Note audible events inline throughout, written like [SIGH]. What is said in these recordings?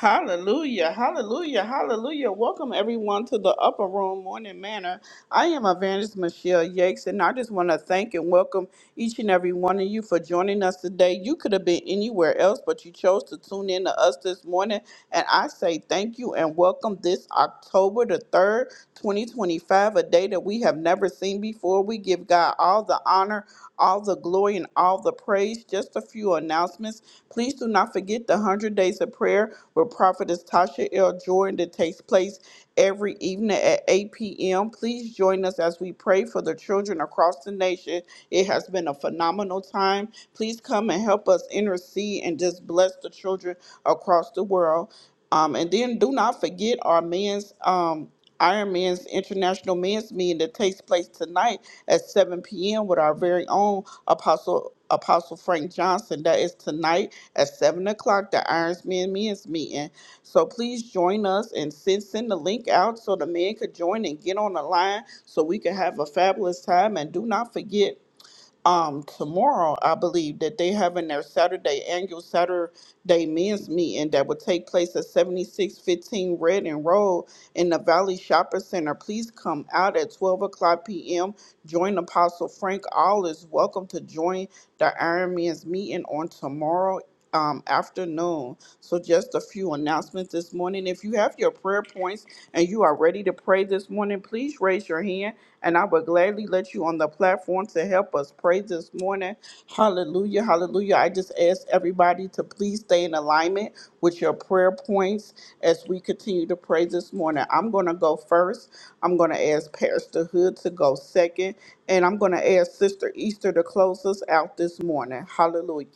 Hallelujah, hallelujah, hallelujah. Welcome everyone to the Upper Room Morning Manor. I am Evangelist Michelle Yakes, and I just want to thank and welcome each and every one of you for joining us today. You could have been anywhere else, but you chose to tune in to us this morning. And I say thank you and welcome this October the 3rd, 2025, a day that we have never seen before. We give God God all the honor, all the glory, and all the praise. Just a few announcements. Please do not forget the 100 Days of Prayer with Prophetess Tasha L. Jordan that takes place every evening at 8 p.m. Please join us as we pray for the children across the nation. It has been a phenomenal time. Please come and help us intercede and just bless the children across the world. Um, and then do not forget our men's. Um, Iron Man's International Men's Meeting that takes place tonight at 7 p.m. with our very own Apostle Apostle Frank Johnson. That is tonight at 7 o'clock, the Iron Men's Meeting. So please join us and send, send the link out so the men could join and get on the line so we can have a fabulous time. And do not forget um tomorrow i believe that they having their saturday annual saturday men's meeting that will take place at 7615 red and road in the valley Shopping center please come out at 12 o'clock p.m join apostle frank all is welcome to join the iron man's meeting on tomorrow um, afternoon. So, just a few announcements this morning. If you have your prayer points and you are ready to pray this morning, please raise your hand and I would gladly let you on the platform to help us pray this morning. Hallelujah. Hallelujah. I just ask everybody to please stay in alignment with your prayer points as we continue to pray this morning. I'm going to go first. I'm going to ask Pastor Hood to go second. And I'm going to ask Sister Easter to close us out this morning. Hallelujah.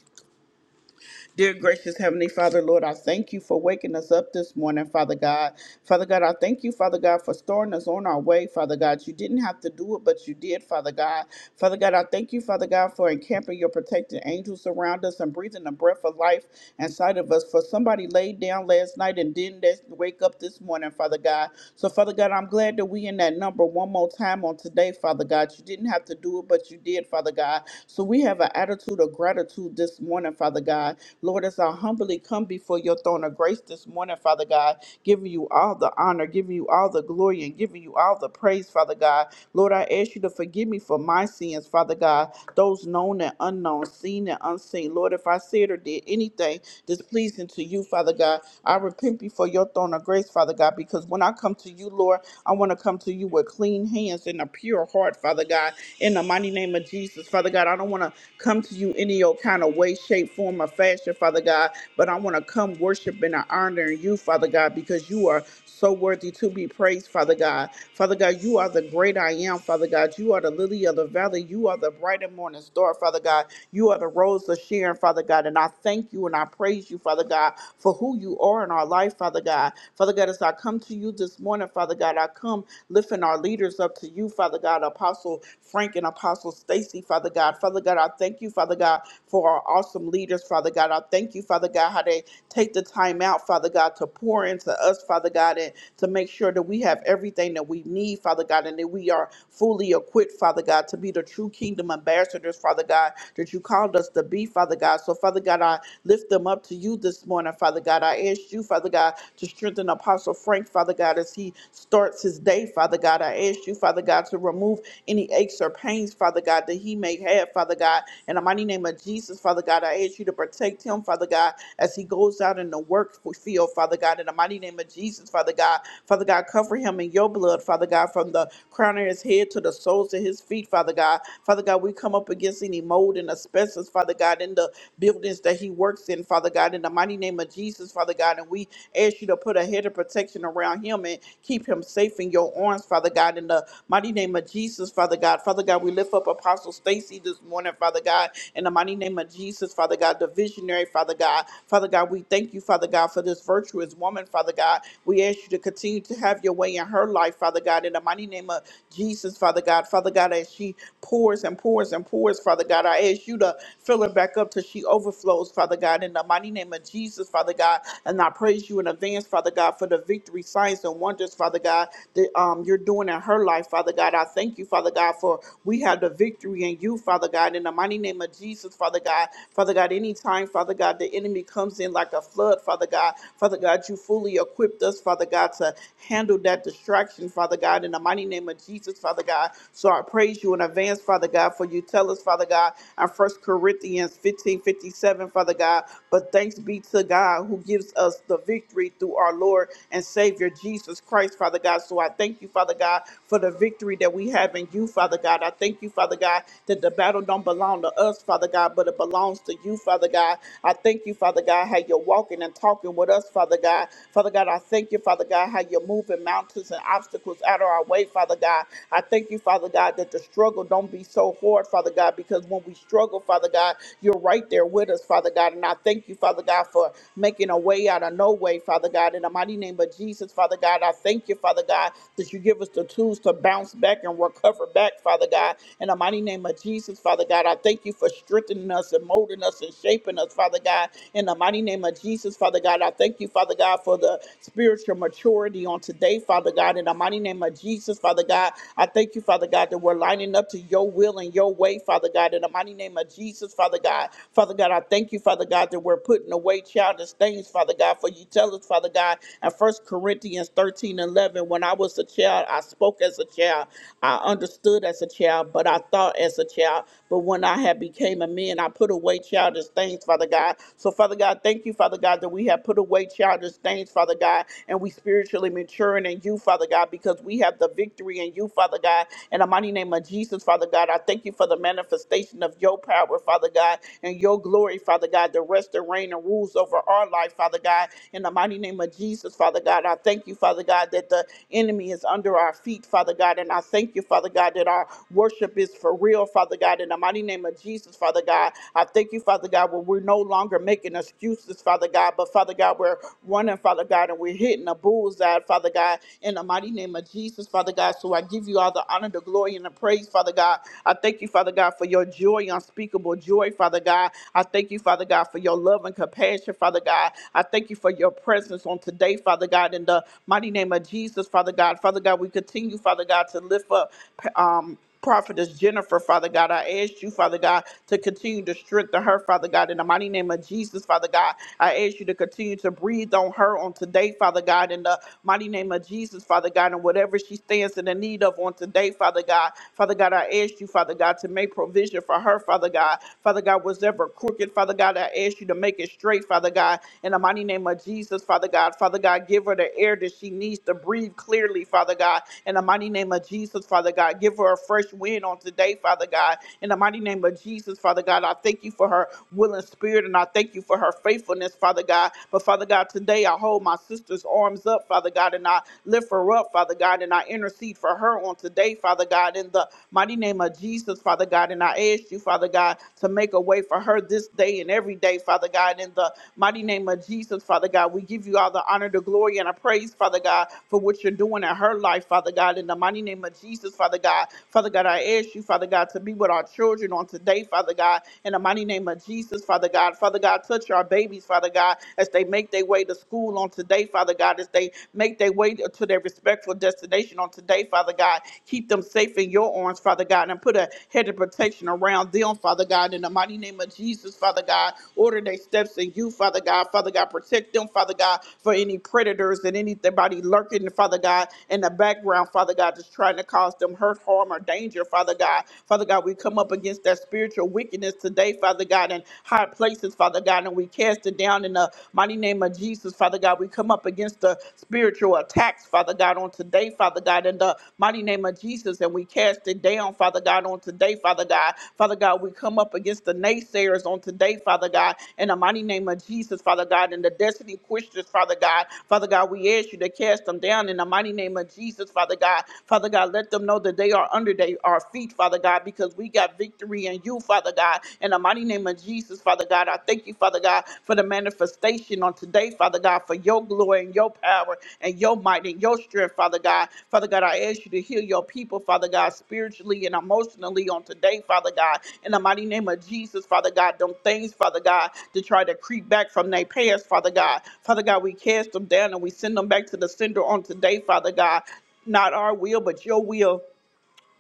Dear gracious Heavenly Father, Lord, I thank you for waking us up this morning, Father God. Father God, I thank you, Father God, for storing us on our way, Father God. You didn't have to do it, but you did, Father God. Father God, I thank you, Father God, for encamping your protecting angels around us and breathing the breath of life inside of us. For somebody laid down last night and didn't wake up this morning, Father God. So, Father God, I'm glad that we in that number one more time on today, Father God. You didn't have to do it, but you did, Father God. So we have an attitude of gratitude this morning, Father God. Lord, as I humbly come before your throne of grace this morning, Father God, giving you all the honor, giving you all the glory, and giving you all the praise, Father God. Lord, I ask you to forgive me for my sins, Father God, those known and unknown, seen and unseen. Lord, if I said or did anything displeasing to you, Father God, I repent before your throne of grace, Father God, because when I come to you, Lord, I want to come to you with clean hands and a pure heart, Father God, in the mighty name of Jesus, Father God. I don't want to come to you any old kind of way, shape, form, or fashion, Father God, but I want to come worshiping and honoring you, Father God, because you are so worthy to be praised, Father God. Father God, you are the great I am. Father God, you are the lily of the valley. You are the bright and morning star. Father God, you are the rose of Sharon. Father God, and I thank you and I praise you, Father God, for who you are in our life, Father God. Father God, as I come to you this morning, Father God, I come lifting our leaders up to you, Father God, Apostle Frank and Apostle Stacy, Father God. Father God, I thank you, Father God, for our awesome leaders, Father God. I thank you, Father God, how they take the time out, Father God, to pour into us, Father God, and to make sure that we have have everything that we need, Father God, and that we are fully equipped, Father God, to be the true kingdom ambassadors, Father God, that you called us to be, Father God. So, Father God, I lift them up to you this morning, Father God. I ask you, Father God, to strengthen Apostle Frank, Father God, as he starts his day, Father God. I ask you, Father God, to remove any aches or pains, Father God, that he may have, Father God. In the mighty name of Jesus, Father God, I ask you to protect him, Father God, as he goes out in the work field, Father God. In the mighty name of Jesus, Father God, God. Father God, cover him in your blood, Father God, from the crown of his head to the soles of his feet, Father God. Father God, we come up against any mold and asbestos, Father God, in the buildings that he works in, Father God, in the mighty name of Jesus, Father God. And we ask you to put a head of protection around him and keep him safe in your arms, Father God, in the mighty name of Jesus, Father God. Father God, we lift up Apostle Stacy this morning, Father God, in the mighty name of Jesus, Father God, the visionary, Father God. Father God, we thank you, Father God, for this virtuous woman, Father God. God. We ask you to continue to have your way in her life, Father God, in the mighty name of Jesus, Father God. Father God, as she pours and pours and pours, Father God, I ask you to fill her back up till she overflows, Father God, in the mighty name of Jesus, Father God. And I praise you in advance, Father God, for the victory, signs, and wonders, Father God, that um, you're doing in her life, Father God. I thank you, Father God, for we have the victory in you, Father God, in the mighty name of Jesus, Father God. Father God, anytime, Father God, the enemy comes in like a flood, Father God. Father God, God, you fully equipped us, Father God, to handle that distraction, Father God, in the mighty name of Jesus, Father God. So I praise you in advance, Father God, for you tell us, Father God, in First Corinthians 15 57, Father God, but thanks be to God who gives us the victory through our Lord and Savior Jesus Christ, Father God. So I thank you, Father God, for the victory that we have in you, Father God. I thank you, Father God, that the battle don't belong to us, Father God, but it belongs to you, Father God. I thank you, Father God, how you're walking and talking talking with us, Father God. Father God, I thank you, Father God, how you're moving mountains and obstacles out of our way, Father God. I thank you, Father God, that the struggle don't be so hard, Father God, because when we struggle, Father God, you're right there with us, Father God. And I thank you, Father God, for making a way out of no way, Father God. In the mighty name of Jesus, Father God, I thank you, Father God, that you give us the tools to bounce back and recover back, Father God. In the mighty name of Jesus, Father God, I thank you for strengthening us and molding us and shaping us, Father God. In the mighty name name of Jesus, Father God. I thank you, Father God, for the spiritual maturity on today, Father God. In the mighty name of Jesus, Father God, I thank you, Father God, that we're lining up to your will and your way, Father God. In the mighty name of Jesus, Father God. Father God, I thank you, Father God, that we're putting away childish things, Father God, for you tell us, Father God, in First Corinthians 13 11, when I was a child, I spoke as a child, I understood as a child, but I thought as a child. But when I had became a man, I put away childish things, Father God. So, Father God, thank you, Father God, that we have put away childish things, Father God, and we spiritually maturing in you, Father God, because we have the victory in you, Father God. In the mighty name of Jesus, Father God, I thank you for the manifestation of your power, Father God, and your glory, Father God, the rest and reign and rules over our life, Father God. In the mighty name of Jesus, Father God, I thank you, Father God, that the enemy is under our feet, Father God, and I thank you, Father God, that our worship is for real, Father God. In the mighty name of Jesus, Father God, I thank you, Father God. God, where we're no longer making excuses, Father God, but Father God, we're running, Father God, and we're hitting a bullseye, Father God, in the mighty name of Jesus, Father God. So I give you all the honor, the glory, and the praise, Father God. I thank you, Father God, for your joy, unspeakable joy, Father God. I thank you, Father God, for your love and compassion, Father God. I thank you for your presence on today, Father God, in the mighty name of Jesus, Father God. Father God, we continue, Father God, to lift up um Prophetess Jennifer, Father God. I ask you, Father God, to continue to strengthen her, Father God, in the mighty name of Jesus, Father God. I ask you to continue to breathe on her on today, Father God, in the mighty name of Jesus, Father God, and whatever she stands in the need of on today, Father God. Father God, I ask you, Father God, to make provision for her, Father God. Father God, was ever crooked, Father God, I ask you to make it straight, Father God, in the mighty name of Jesus, Father God. Father God, give her the air that she needs to breathe clearly, Father God, in the mighty name of Jesus, Father God. Give her a fresh wind on today, Father God. In the mighty name of Jesus, Father God, I thank you for her willing spirit and I thank you for her faithfulness, Father God. But Father God, today I hold my sister's arms up, Father God, and I lift her up, Father God, and I intercede for her on today, Father God, in the mighty name of Jesus, Father God. And I ask you, Father God, to make a way for her this day and every day, Father God, in the mighty name of Jesus, Father God. We give you all the honor, the glory, and the praise, Father God, for what you're doing in her life, Father God, in the mighty name of Jesus, Father God. Father God, I ask you, Father God, to be with our children on today, Father God, in the mighty name of Jesus, Father God. Father God, touch our babies, Father God, as they make their way to school on today, Father God, as they make their way to their respectful destination on today, Father God. Keep them safe in your arms, Father God, and put a hedge of protection around them, Father God, in the mighty name of Jesus, Father God. Order their steps in you, Father God. Father God, protect them, Father God, for any predators and anybody lurking, Father God, in the background, Father God, just trying to cause them hurt harm, or danger, Father God. Father God, we come up against that spiritual wickedness today, Father God, in high places, Father God, and we cast it down in the mighty name of Jesus, Father God. We come up against the spiritual attacks, Father God, on today, Father God, in the mighty name of Jesus, and we cast it down, Father God, on today, Father God. Father God, we come up against the naysayers on today, Father God, in the mighty name of Jesus, Father God, and the destiny questions, Father God. Father God, we ask you to cast them down in the mighty name of Jesus, Father God. Father God, let them know that that they are under they, our feet, Father God, because we got victory in you, Father God. In the mighty name of Jesus, Father God, I thank you, Father God, for the manifestation on today, Father God, for your glory and your power and your might and your strength, Father God. Father God, I ask you to heal your people, Father God, spiritually and emotionally on today, Father God. In the mighty name of Jesus, Father God, them things, Father God, to try to creep back from their past, Father God. Father God, we cast them down and we send them back to the sender on today, Father God. Not our will, but your will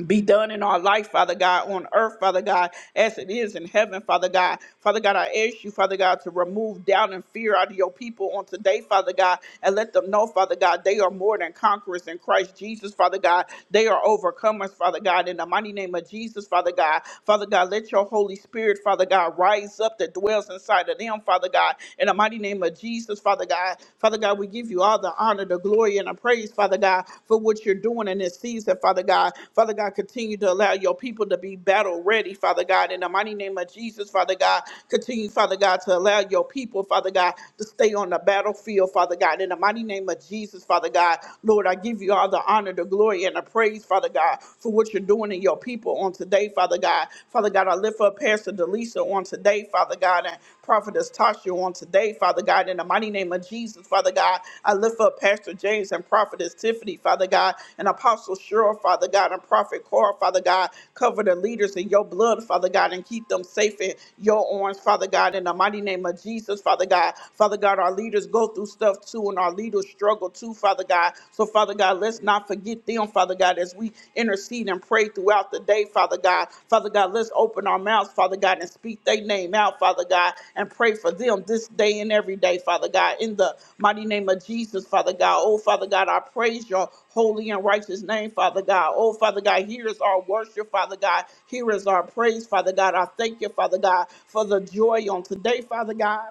be done in our life, Father God, on earth, Father God, as it is in heaven, Father God. Father God, I ask you, Father God, to remove doubt and fear out of your people on today, Father God, and let them know, Father God, they are more than conquerors in Christ Jesus, Father God. They are overcomers, Father God, in the mighty name of Jesus, Father God. Father God, let your Holy Spirit, Father God, rise up that dwells inside of them, Father God, in the mighty name of Jesus, Father God. Father Father God, we give you all the honor, the glory, and the praise, Father God, for what you're doing in this season, Father God. Father God, continue to allow your people to be battle ready, Father God. In the mighty name of Jesus, Father God, continue, Father God, to allow your people, Father God, to stay on the battlefield, Father God. In the mighty name of Jesus, Father God, Lord, I give you all the honor, the glory, and the praise, Father God, for what you're doing in your people on today, Father God. Father God, I lift up Pastor Delisa on today, Father God, and Prophetess Tasha on today, Father God, in the mighty name of Jesus, Father God. I lift up Pastor James and Prophetess Tiffany, Father God, and Apostle Cheryl, Father God, and Prophet Carl, Father God. Cover the leaders in your blood, Father God, and keep them safe in your arms, Father God, in the mighty name of Jesus, Father God. Father God, our leaders go through stuff too, and our leaders struggle too, Father God. So, Father God, let's not not forget them, Father God, as we intercede and pray throughout the day, Father God. Father God, let's open our mouths, Father God, and speak their name out, Father God, and pray for them this day and every day, Father God. In the mighty name of Jesus, Father God. Oh, Father God, I praise your holy and righteous name, Father God. Oh, Father God, here is our worship, Father God. Here is our praise, Father God. I thank you, Father God, for the joy on today, Father God.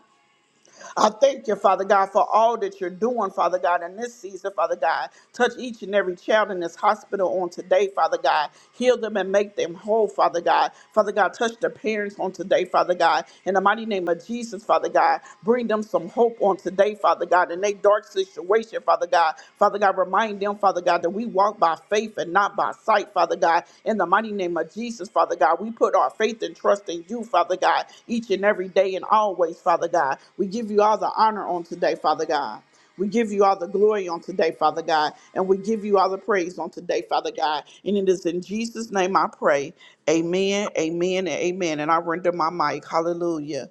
I thank you, Father God, for all that you're doing, Father God, in this season, Father God. Touch each and every child in this hospital on today, Father God. Heal them and make them whole, Father God. Father God, touch the parents on today, Father God. In the mighty name of Jesus, Father God, bring them some hope on today, Father God, in their dark situation, Father God. Father God, remind them, Father God, that we walk by faith and and not by sight, Father God. In the mighty name of Jesus, Father God, we put our faith and trust in you, Father God, each and every day and always, Father God. We give you all the honor on today, Father God. We give you all the glory on today, Father God, and we give you all the praise on today, Father God. And it is in Jesus' name I pray. Amen, amen, and amen. And I render my mic. Hallelujah.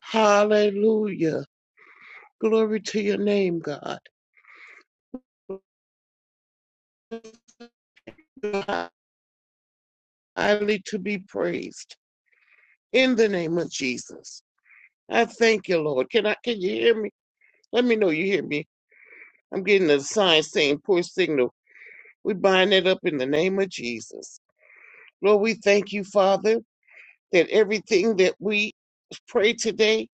Hallelujah. Glory to your name, God. Highly to be praised in the name of Jesus. I thank you, Lord. Can I can you hear me? Let me know you hear me. I'm getting a sign saying poor signal. We bind it up in the name of Jesus. Lord, we thank you, Father, that everything that we pray today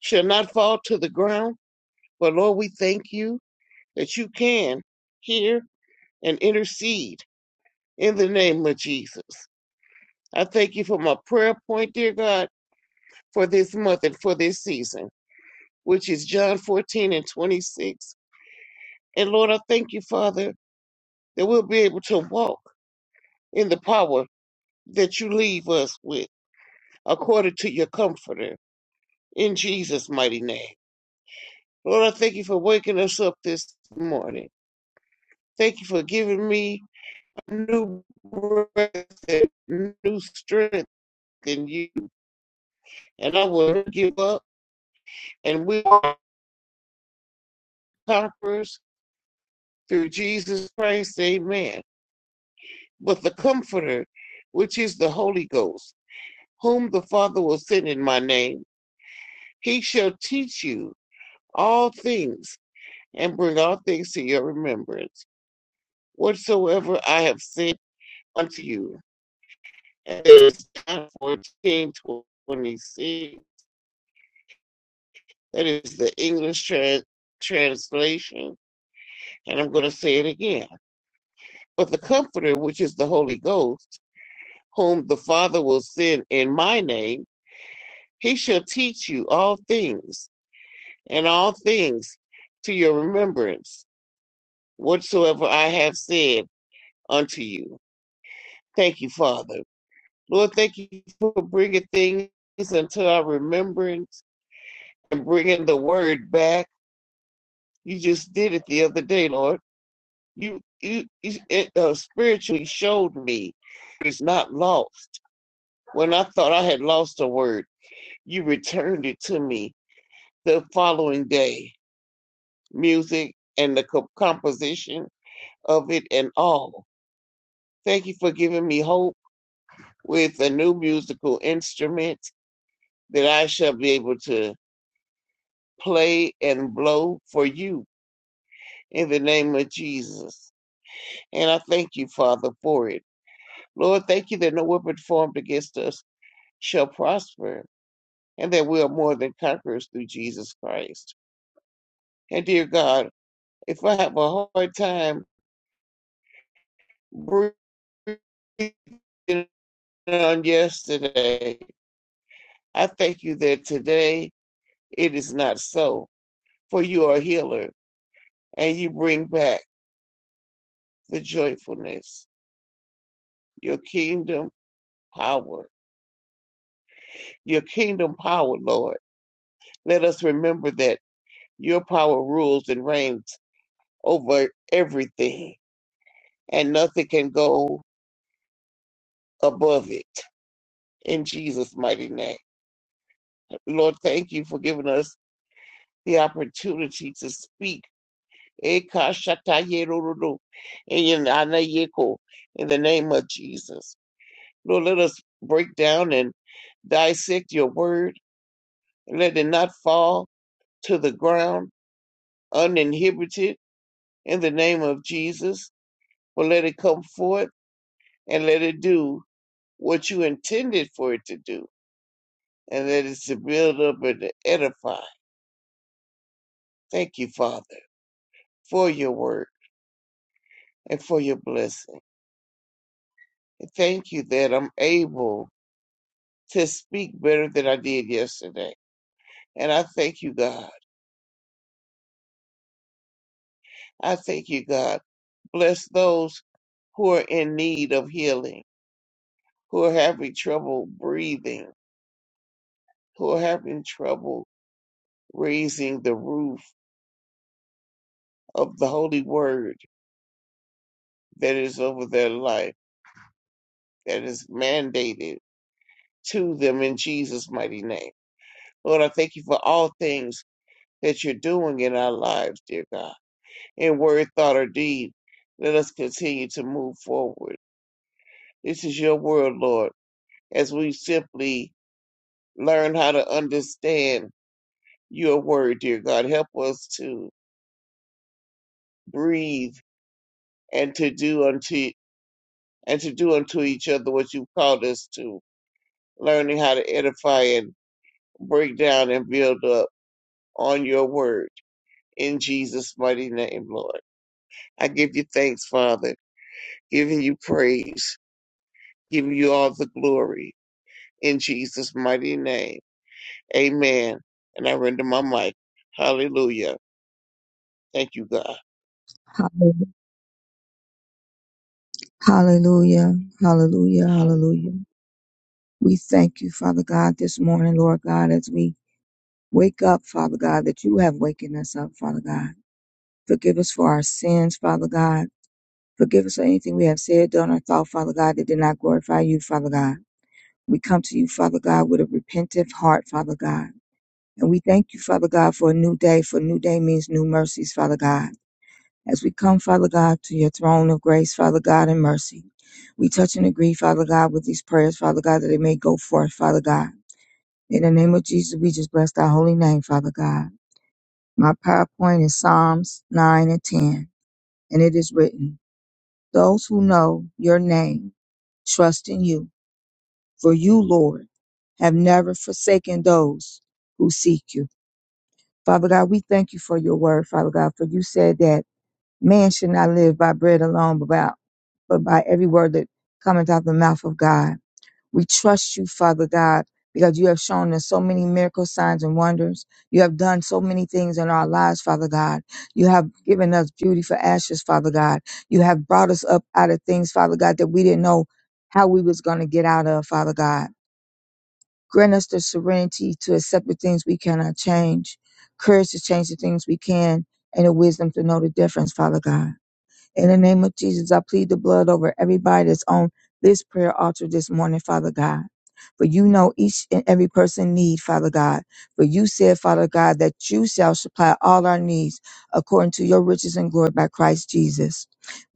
shall not fall to the ground. But Lord, we thank you that you can hear and intercede in the name of Jesus. I thank you for my prayer point, dear God, for this month and for this season, which is John 14 and 26. And Lord, I thank you, Father, that we'll be able to walk in the power that you leave us with, according to your comforter, in Jesus' mighty name. Lord, I thank you for waking us up this morning. Thank you for giving me a new breath and new strength in you. And I will not give up, and we are conquerors through Jesus Christ, amen, with the Comforter, which is the Holy Ghost, whom the Father will send in my name. He shall teach you all things and bring all things to your remembrance, whatsoever I have said unto you. And that is John 14, twenty-six. That is the English trans- translation. And I'm going to say it again. But the Comforter, which is the Holy Ghost, whom the Father will send in my name, He shall teach you all things, and all things to your remembrance, whatsoever I have said unto you. Thank you, Father. Lord, thank you for bringing things into our remembrance and bringing the word back. You just did it the other day, Lord. You, you, you it, uh, spiritually showed me it's not lost. When I thought I had lost a word, you returned it to me the following day. music and the co- composition of it and all. Thank you for giving me hope with a new musical instrument that I shall be able to play and blow for you in the name of Jesus. And I thank you, Father, for it. Lord, thank you that no weapon formed against us shall prosper and that we are more than conquerors through Jesus Christ. And dear God, if I have a hard time breathing on yesterday, I thank you that today it is not so, for you are a healer and you bring back the joyfulness, your kingdom power, your kingdom power, Lord. Let us remember that your power rules and reigns over everything and nothing can go above it. In Jesus' mighty name. Lord, thank you for giving us the opportunity to speak Eka shata yerororo. Eyan ana yeko. In the name of Jesus. Lord, let us break down and dissect your word. Let it not fall to the ground uninhibited in the name of Jesus, but let it come forth and let it do what you intended for it to do, and that is to build up and to edify. Thank you, Father, for your word and for your blessing. Thank you that I'm able to speak better than I did yesterday. And I thank you, God. I thank you, God. Bless those who are in need of healing, who are having trouble breathing, who are having trouble raising the roof of the holy word that is over their life, that is mandated to them in Jesus' mighty name. Lord, I thank you for all things that you're doing in our lives, dear God, in word, thought, or deed. Let us continue to move forward This is your word, Lord, as we simply learn how to understand your word, dear God. Help us to breathe and to do unto and to do unto each other what you've called us to, learning how to edify and break down and build up on your word. In Jesus' mighty name, Lord. I give you thanks, Father, giving you praise, giving you all the glory. In Jesus' mighty name. Amen. And I render my mic. Hallelujah. Thank you, God. Hallelu- Hallelujah. Hallelujah. That Hallelujah. We thank you, Father God, this morning, Lord God, as we wake up, Father God, that you have wakened us up, Father God. Forgive us for our sins, Father God. Forgive us for anything we have said, done, or thought, Father God, that did not glorify you, Father God. We come to you, Father God, with a repentant heart, Father God. And we thank you, Father God, for a new day, for a new day means new mercies, Father God. As we come, Father God, to your throne of grace, Father God, and mercy, we touch and agree, Father God, with these prayers, Father God, that they may go forth, Father God. In the name of Jesus, we just bless thy holy name, Father God. My PowerPoint is Psalms 9 and 10, and it is written, Those who know your name trust in you, for you, Lord, have never forsaken those who seek you. Father God, we thank you for your word, Father God, for you said that man should not live by bread alone, but by. but by every word that cometh out the mouth of God. We trust you, Father God, because you have shown us so many miracle signs and wonders. You have done so many things in our lives, Father God. You have given us beauty for ashes, Father God. You have brought us up out of things, Father God, that we didn't know how we was going to get out of, Father God. Grant us the serenity to accept the things we cannot change, courage to change the things we can, and the wisdom to know the difference, Father God. In the name of Jesus, I plead the blood over everybody that's on this prayer altar this morning, Father God. For you know each and every person need, Father God. For you said, Father God, that you shall supply all our needs according to your riches and glory by Christ Jesus.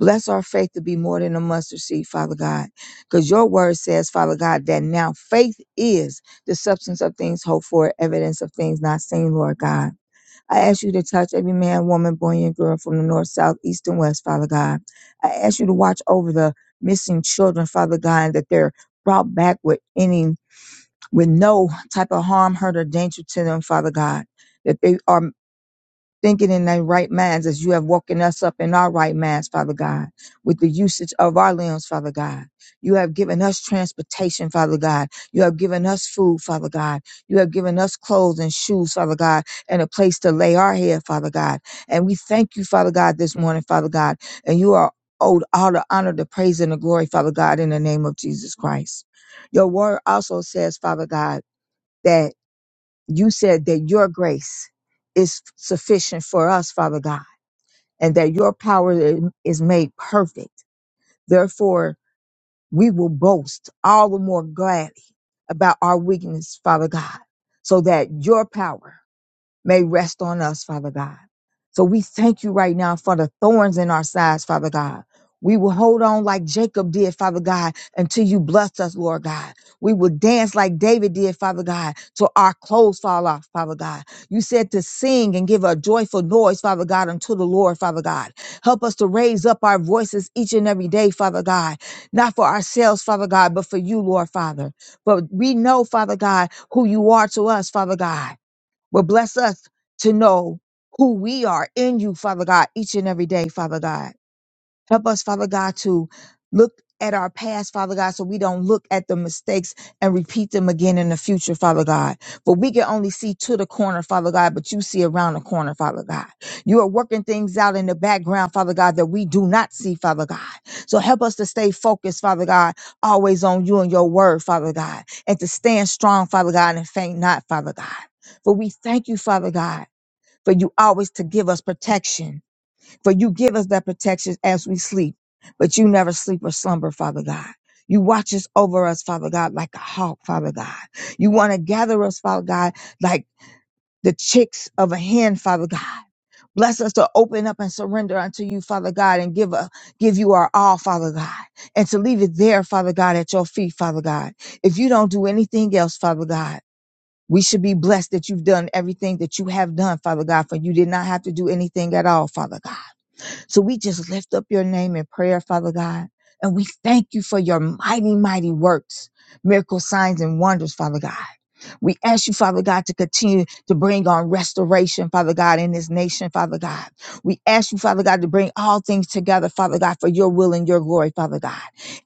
Bless our faith to be more than a mustard seed, Father God. Because your word says, Father God, that now faith is the substance of things hoped for, evidence of things not seen, Lord God. I ask you to touch every man, woman, boy, and girl from the north, south, east, and west, Father God. I ask you to watch over the missing children, Father God, that they're brought back with any, with no type of harm, hurt, or danger to them, Father God. That they are thinking in their right minds as you have woken us up in our right minds, Father God, with the usage of our limbs, Father God. You have given us transportation, Father God. You have given us food, Father God. You have given us clothes and shoes, Father God, and a place to lay our head, Father God. And we thank you, Father God, this morning, Father God. And you are owed all the honor, the praise, and the glory, Father God, in the name of Jesus Christ. Your word also says, Father God, that you said that your grace is sufficient for us, Father God, and that your power i- is made perfect. Therefore, we will boast all the more gladly about our weakness, Father God, so that your power may rest on us, Father God. So we thank you right now for the thorns in our sides, Father God. We will hold on like Jacob did, Father God, until you bless us, Lord God. We will dance like David did, Father God, till our clothes fall off, Father God. You said to sing and give a joyful noise, Father God, unto the Lord, Father God. Help us to raise up our voices each and every day, Father God, not for ourselves, Father God, but for you, Lord, Father. But we know, Father God, who you are to us, Father God. But bless us to know who we are in you, Father God, each and every day, Father God. Help us, Father God, to look at our past, Father God, so we don't look at the mistakes and repeat them again in the future, Father God. For we can only see to the corner, Father God, but you see around the corner, Father God. You are working things out in the background, Father God, that we do not see, Father God. So help us to stay focused, Father God, always on you and your word, Father God, and to stand strong, Father God, and faint not, Father God. For we thank you, Father God, for you always to give us protection for you give us that protection as we sleep, but you never sleep or slumber, Father God. You watch us over us, Father God, like a hawk, Father God. You want to gather us, Father God, like the chicks of a hen, Father God. Bless us to open up and surrender unto you, Father God, and give a, give you our all, Father God, and to leave it there, Father God, at your feet, Father God. If you don't do anything else, Father God, we should be blessed that you've done everything that you have done, Father God, for you did not have to do anything at all, Father God. So we just lift up your name in prayer, Father God. And we thank you for your mighty, mighty works, miracle signs and wonders, Father God. We ask you, Father God, to continue to bring on restoration, Father God, in this nation, Father God. We ask you, Father God, to bring all things together, Father God, for your will and your glory, Father God.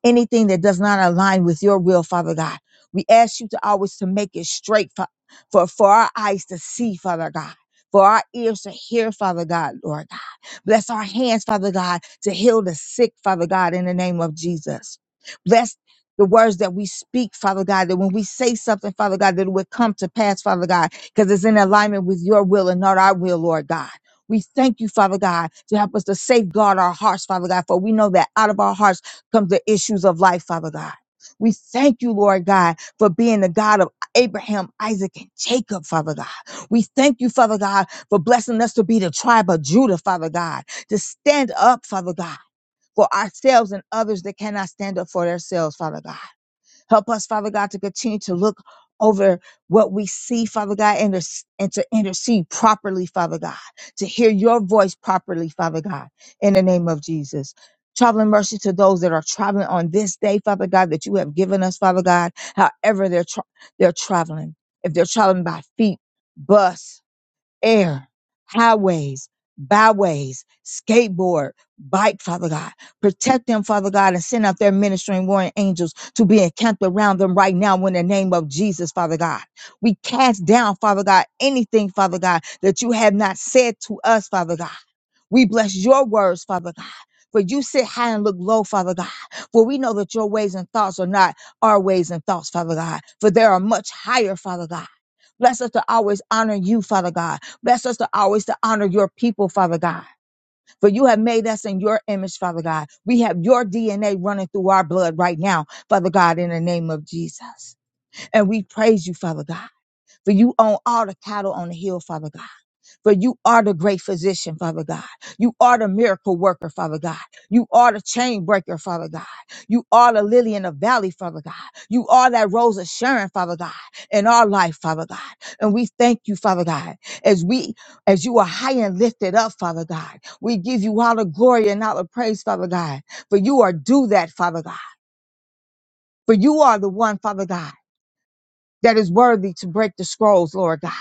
Anything that does not align with your will, Father God, we ask you to always to make it straight for, for, for our eyes to see, Father God. For our ears to hear, Father God, Lord God. Bless our hands, Father God, to heal the sick, Father God, in the name of Jesus. Bless the words that we speak, Father God, that when we say something, Father God, that it would come to pass, Father God, because it's in alignment with your will and not our will, Lord God. We thank you, Father God, to help us to safeguard our hearts, Father God, for we know that out of our hearts comes the issues of life, Father God. We thank you, Lord God, for being the God of Abraham, Isaac, and Jacob, Father God. We thank you, Father God, for blessing us to be the tribe of Judah, Father God, to stand up, Father God, for ourselves and others that cannot stand up for themselves, Father God. Help us, Father God, to continue to look over what we see, Father God, and to, and to intercede properly, Father God, to hear your voice properly, Father God, in the name of Jesus. Traveling mercy to those that are traveling on this day, Father God, that you have given us, Father God, however they're, tra- they're traveling. If they're traveling by feet, bus, air, highways, byways, skateboard, bike, Father God. Protect them, Father God, and send out their ministering warring angels to be encamped around them right now in the name of Jesus, Father God. We cast down, Father God, anything, Father God, that you have not said to us, Father God. We bless your words, Father God. For you sit high and look low, Father God. For we know that your ways and thoughts are not our ways and thoughts, Father God. For they are much higher, Father God. Bless us to always honor you, Father God Bless us to always to honor your people, Father God. For you have made us in your image, Father God. We have your DNA running through our blood right now, Father God, in the name of Jesus. And we praise you, Father God. For you own all the cattle on the hill, Father God. For you are the great physician, Father God. You are the miracle worker, Father God. You are the chain breaker, Father God. You are the lily in the valley, Father God. You are that rose of Sharon, Father God, in our life, Father God. And we thank you, Father God, as we, as you are high and lifted up, Father God. We give you all the glory and all the praise, Father God. For you are do that, Father God. For you are the one, Father God, that is worthy to break the scrolls, Lord God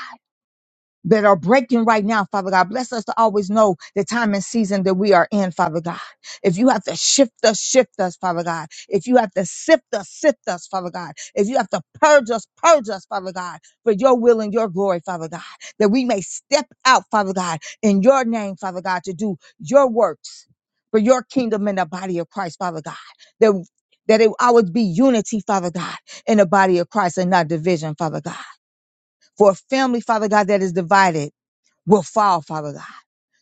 that are breaking right now, Father God. Bless us to always know the time and season that we are in, Father God. If you have to shift us, shift us, Father God. If you have to sift us, sift us, Father God. If you have to purge us, purge us, Father God, for your will and your glory, Father God, that we may step out, Father God, in your name, Father God, to do your works for your kingdom and the body of Christ, Father God. That that it always be unity, Father God, in the body of Christ and not division, Father God. For a family, Father God, that is divided will fall, Father God.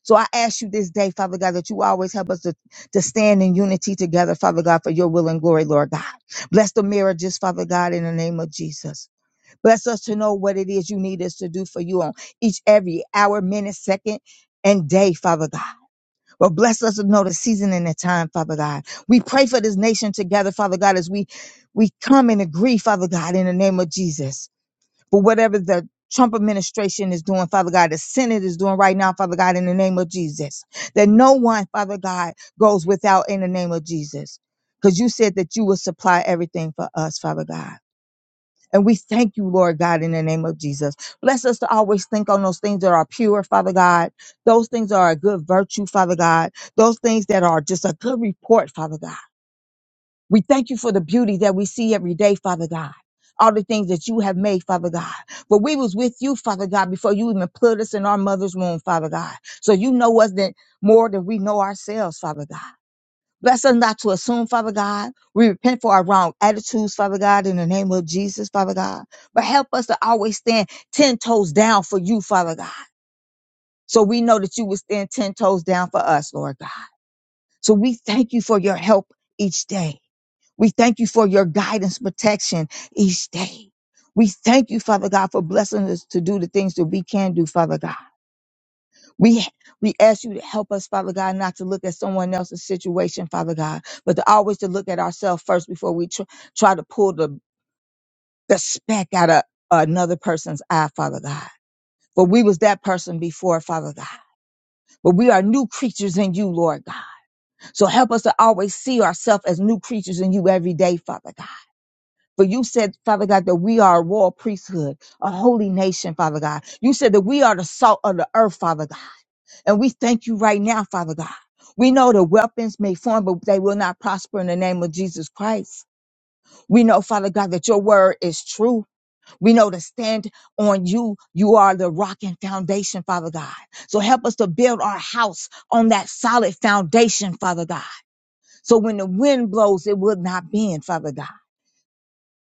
So I ask you this day, Father God, that you always help us to, to stand in unity together, Father God, for your will and glory, Lord God. Bless the marriages, Father God, in the name of Jesus. Bless us to know what it is you need us to do for you on each, every hour, minute, second, and day, Father God. But bless us to know the season and the time, Father God. We pray for this nation together, Father God, as we, we come and agree, Father God, in the name of Jesus for whatever the Trump administration is doing, Father God, the Senate is doing right now, Father God, in the name of Jesus. That no one, Father God, goes without in the name of Jesus. Because you said that you will supply everything for us, Father God. And we thank you, Lord God, in the name of Jesus. Bless us to always think on those things that are pure, Father God. Those things that are a good virtue, Father God. Those things that are just a good report, Father God. We thank you for the beauty that we see every day, Father God. All the things that you have made, Father God. But we was with you, Father God, before you even put us in our mother's womb, Father God. So you know us than, more than we know ourselves, Father God. Bless us not to assume, Father God. We repent for our wrong attitudes, Father God, in the name of Jesus, Father God. But help us to always stand 10 toes down for you, Father God. So we know that you will stand 10 toes down for us, Lord God. So we thank you for your help each day. We thank you for your guidance, protection each day. We thank you, Father God, for blessing us to do the things that we can do, Father God. We we ask you to help us, Father God, not to look at someone else's situation, Father God, but to always to look at ourselves first before we tr- try to pull the, the speck out of another person's eye, Father God. For we was that person before, Father God. But we are new creatures in you, Lord God. So help us to always see ourselves as new creatures in you every day, Father God. For you said, Father God, that we are a royal priesthood, a holy nation, Father God. You said that we are the salt of the earth, Father God. And we thank you right now, Father God. We know the weapons may form, but they will not prosper in the name of Jesus Christ. We know, Father God, that your word is true. We know to stand on you. You are the rock and foundation, Father God. So help us to build our house on that solid foundation, Father God. So when the wind blows, it will not bend, Father God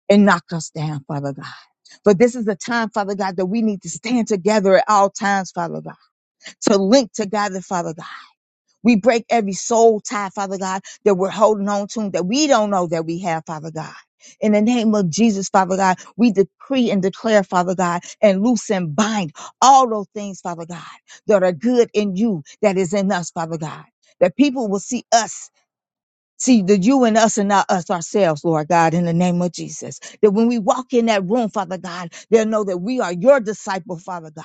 and knock us down, Father God. But this is the time, Father God, that we need to stand together at all times, Father God, to link together, Father God. We break every soul tie, Father God, that we're holding on to that we don't know that we have, Father God. In the name of Jesus, Father God, we decree and declare, Father God, and loose and bind all those things, Father God, that are good in you, that is in us, Father God. That people will see us See, the you and us and not us ourselves, Lord God, in the name of Jesus. That when we walk in that room, Father God, they'll know that we are your disciple, Father God,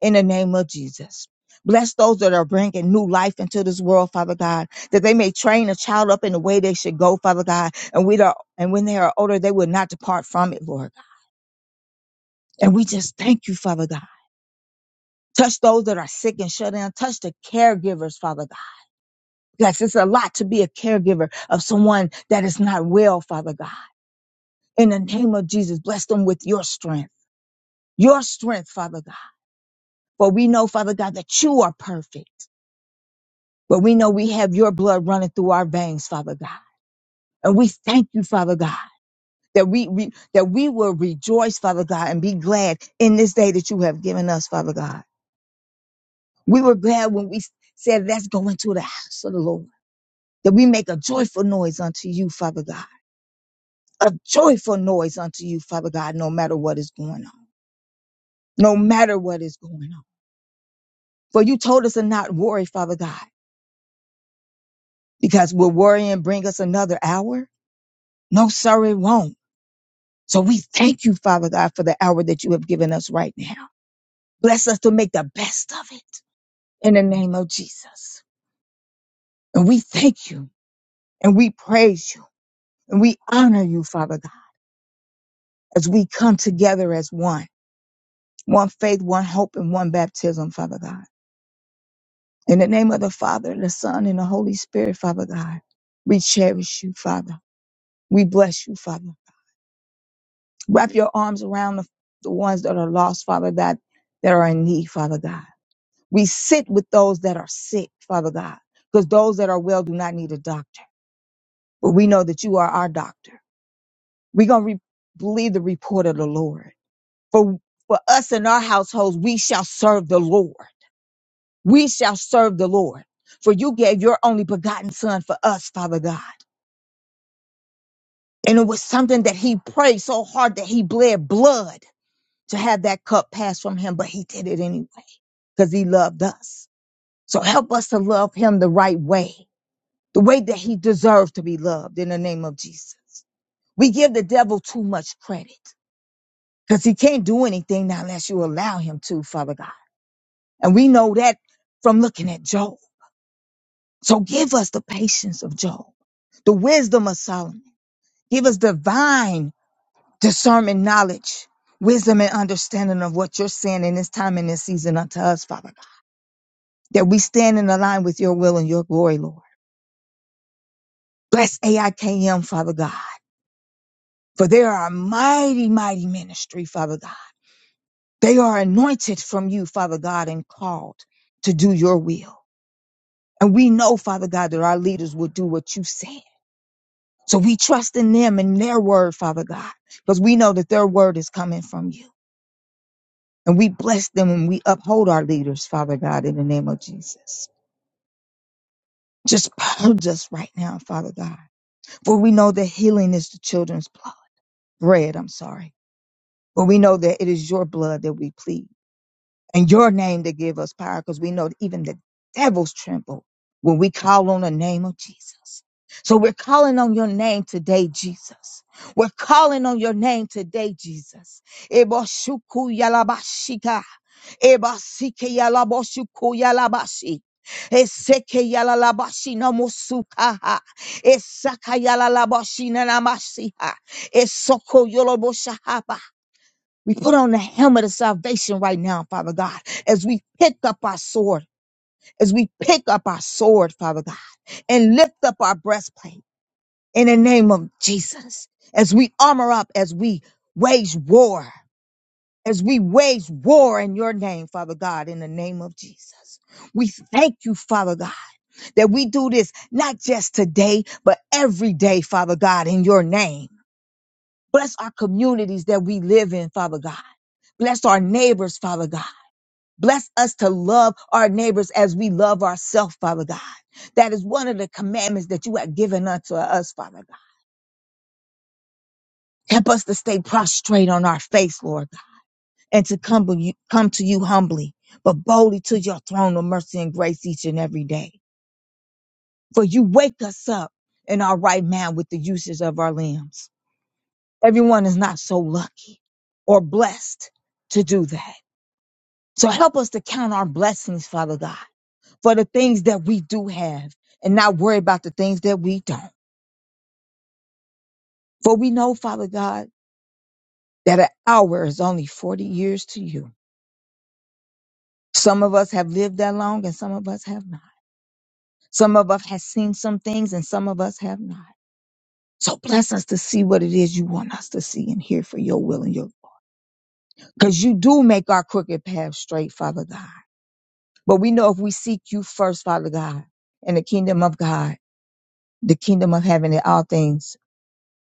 in the name of Jesus. Bless those that are bringing new life into this world, Father God, that they may train a child up in the way they should go, Father God. And we are, and when they are older, they will not depart from it, Lord. God. And we just thank you, Father God. Touch those that are sick and shut in. Touch the caregivers, Father God. Yes, it's a lot to be a caregiver of someone that is not well, Father God. In the name of Jesus, bless them with your strength, your strength, Father God. For we know, Father God, that you are perfect, but we know we have your blood running through our veins, Father God. And we thank you, Father God, that we, we that we will rejoice, Father God, and be glad in this day that you have given us, Father God. We were glad when we said, let's go into the house of the Lord, that we make a joyful noise unto you, Father God. A joyful noise unto you, Father God, no matter what is going on. No matter what is going on. For you told us to not worry, Father God, because will worrying bring us another hour? No, sir, it won't. So we thank you, Father God, for the hour that you have given us right now. Bless us to make the best of it in the name of Jesus. And we thank you and we praise you and we honor you, Father God, as we come together as one, one faith, one hope, and one baptism, Father God. In the name of the Father, the Son, and the Holy Spirit, Father God, we cherish you, Father. We bless you, Father. Wrap your arms around the, the ones that are lost, Father, that, that are in need, Father God. We sit with those that are sick, Father God, because those that are well do not need a doctor. But we know that you are our doctor. We're going to re- believe the report of the Lord. For, for us and our households, we shall serve the Lord. We shall serve the Lord. For you gave your only begotten Son for us, Father God. And it was something that he prayed so hard that he bled blood to have that cup pass from him, but he did it anyway. because he loved us. So help us to love him the right way, the way that he deserves to be loved in the name of Jesus. We give the devil too much credit because he can't do anything now unless you allow him to, Father God. And we know that from looking at Job. So give us the patience of Job, the wisdom of Solomon. Give us divine discernment, knowledge, wisdom, and understanding of what you're saying in this time and this season unto us, Father God, that we stand in the line with your will and your glory, Lord. Bless AIKM, Father God, for they are a mighty, mighty ministry, Father God. They are anointed from you, Father God, and called to do your will. And we know, Father God, that our leaders will do what you said. So we trust in them and their word, Father God, because we know that their word is coming from you. And we bless them and we uphold our leaders, Father God, in the name of Jesus. Just purge us right now, Father God, for we know that healing is the children's blood, bread, I'm sorry. But we know that it is your blood that we plead and your name that give us power because we know that even the devils tremble when we call on the name of Jesus. So we're calling on your name today, Jesus. We're calling on your name today, Jesus. Eboshuku yalabashika. Ebasike yalaboshuku yalabashi. Eseke yalalabashi namosukaha. Esaka yalalabashina namasiha. Esoko yoloboshaha we put on the helmet of salvation right now, Father God, as we pick up our sword, as we pick up our sword, Father God, and lift up our breastplate in the name of Jesus, as we armor up, as we wage war, as we wage war in your name, Father God, in the name of Jesus. We thank you, Father God, that we do this not just today, but every day, Father God, in your name. Bless our communities that we live in, Father God. Bless our neighbors, Father God. Bless us to love our neighbors as we love ourselves, Father God. That is one of the commandments that you have given unto us, Father God. Help us to stay prostrate on our face, Lord God, and to come, to you, come to you humbly, but boldly to your throne of mercy and grace each and every day. For you wake us up in our right mind with the uses of our limbs. Everyone is not so lucky or blessed to do that. So help us to count our blessings, Father God for the things that we do have and not worry about the things that we don't. For we know, Father God, that an hour is only 40 years to you. Some of us have lived that long and some of us have not. Some of us have seen some things and some of us have not. So bless us to see what it is you want us to see and hear for your will and your, because you do make our crooked path straight, Father God. But we know if we seek you first, Father God, and the kingdom of God, the kingdom of heaven and all things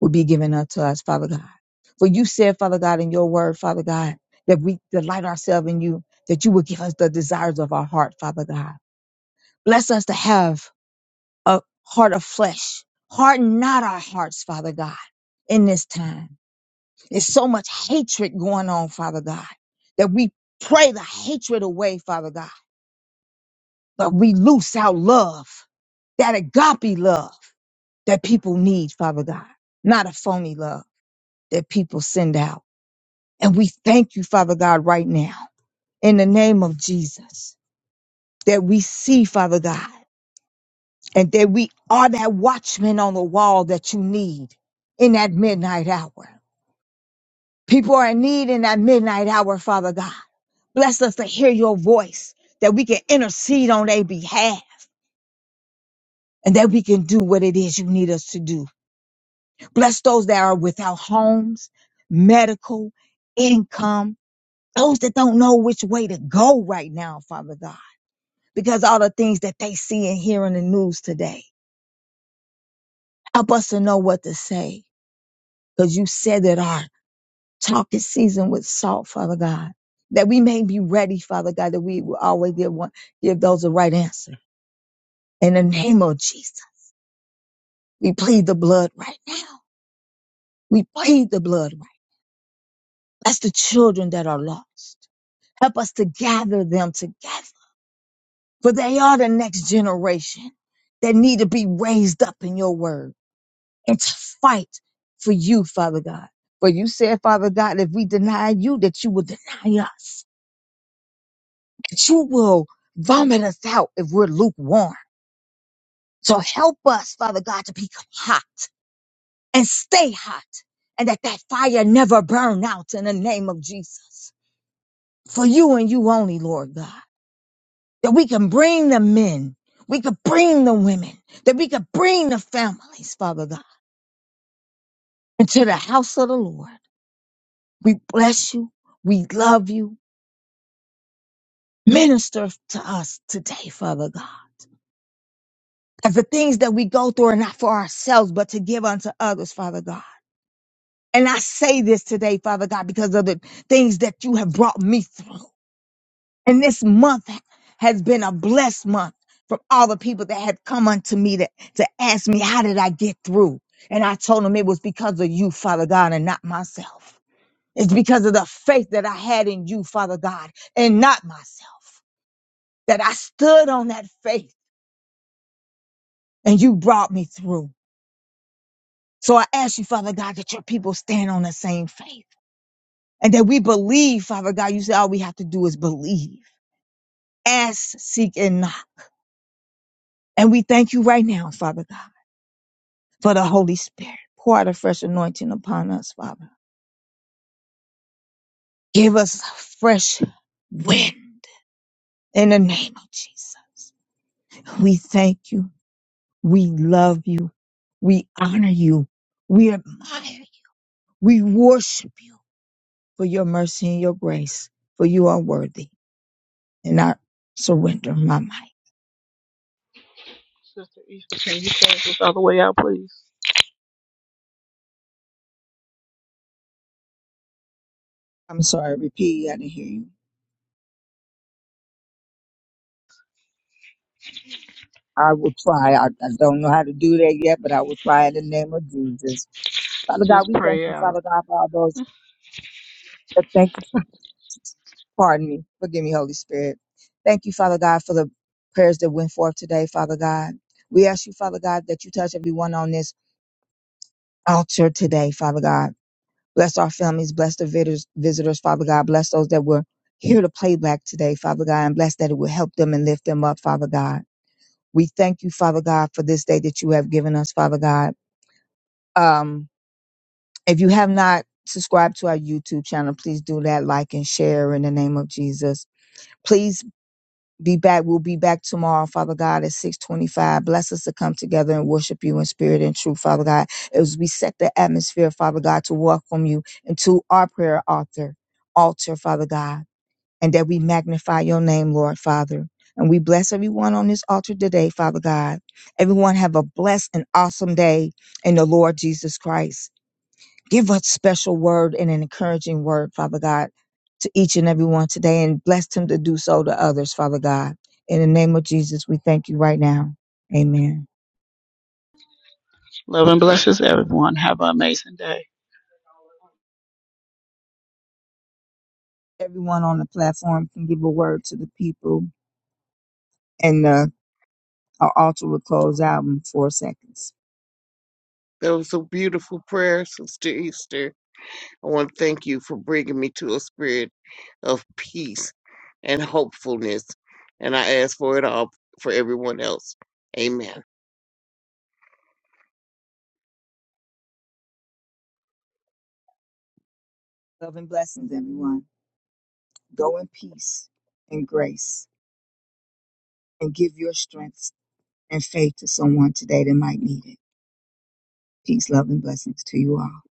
will be given unto us, Father God. For you said, Father God, in your word, Father God, that we delight ourselves in you, that you will give us the desires of our heart, Father God. Bless us to have a heart of flesh. Harden not our hearts, Father God, in this time. There's so much hatred going on, Father God, that we pray the hatred away, Father God, but we loose out love, that agape love that people need, Father God, not a phony love that people send out. And we thank you, Father God, right now in the name of Jesus that we see, Father God, and that we are that watchman on the wall that you need in that midnight hour. People are in need in that midnight hour, Father God. Bless us to hear your voice, that we can intercede on their behalf and that we can do what it is you need us to do. Bless those that are without homes, medical, income, those that don't know which way to go right now, Father God. because all the things that they see and hear in the news today. Help us to know what to say because you said that our talk is seasoned with salt, Father God, that we may be ready, Father God, that we will always give one, give those the right answer. In the name of Jesus, we plead the blood right now. We plead the blood right. now. That's the children that are lost. Help us to gather them together, for they are the next generation that need to be raised up in your word. and to fight for you, Father God. For you said, Father God, if we deny you, that you will deny us, that you will vomit us out if we're lukewarm. So help us, Father God, to become hot and stay hot and that that fire never burn out in the name of Jesus. For you and you only, Lord God, that we can bring the men, we can bring the women, that we can bring the families, Father God, into the house of the Lord. We bless you. We love you Minister to us today, Father God, as the things that we go through are not for ourselves, but to give unto others, Father God. And I say this today, Father God, because of the things that you have brought me through. And this month has been a blessed month from all the people that have come unto me to, to ask me, how did I get through? And I told them it was because of you, Father God, and not myself. It's because of the faith that I had in you, Father God, and not myself, that I stood on that faith and you brought me through. So I ask you, Father God, that your people stand on the same faith and that we believe, Father God. You said all we have to do is believe, ask, seek, and knock. And we thank you right now, Father God, for the Holy Spirit. Pour out a fresh anointing upon us, Father. Give us a fresh wind in the name of Jesus. We thank you. We love you. We honor you. We admire you. We worship you for your mercy and your grace, for you are worthy. and I surrender my might. I'm sorry, repeat. I didn't hear you. I will try. I, I don't know how to do that yet, but I will try in the name of Jesus. Father God, we thank you, Father God, for all those that thank you. For, [LAUGHS] pardon me. Forgive me, Holy Spirit. Thank you, Father God, for the prayers that went forth today, Father God. We ask you, Father God, that you touch everyone on this altar today, Father God. Bless our families, bless the visitors, visitors, Father God. Bless those that were here to playback today, Father God, and bless that it will help them and lift them up, Father God. We thank you, Father God, for this day that you have given us, Father God. Um, if you have not subscribed to our YouTube channel, please do that, like and share in the name of Jesus. Please be back. We'll be back tomorrow, Father God, at 625. Bless us to come together and worship you in spirit and truth, Father God. As we set the atmosphere, Father God, to welcome you into our prayer altar, altar, Father God and that we magnify your name, Lord Father. And we bless everyone on this altar today, Father God. Everyone have a blessed and awesome day in the Lord Jesus Christ. Give us special word and an encouraging word, Father God, to each and everyone today and bless them to do so to others, Father God. In the name of Jesus, we thank you right now. Amen. Everyone on the platform can give a word to the people and uh, our altar will close out in four seconds. was a beautiful prayer, Sister Easter. I want to thank you for bringing me to a spirit of peace and hopefulness. And I ask for it all for everyone else. Amen. Love and blessings, everyone. Go in peace and grace and give your strength and faith to someone today that might need it. Peace, love, and blessings to you all.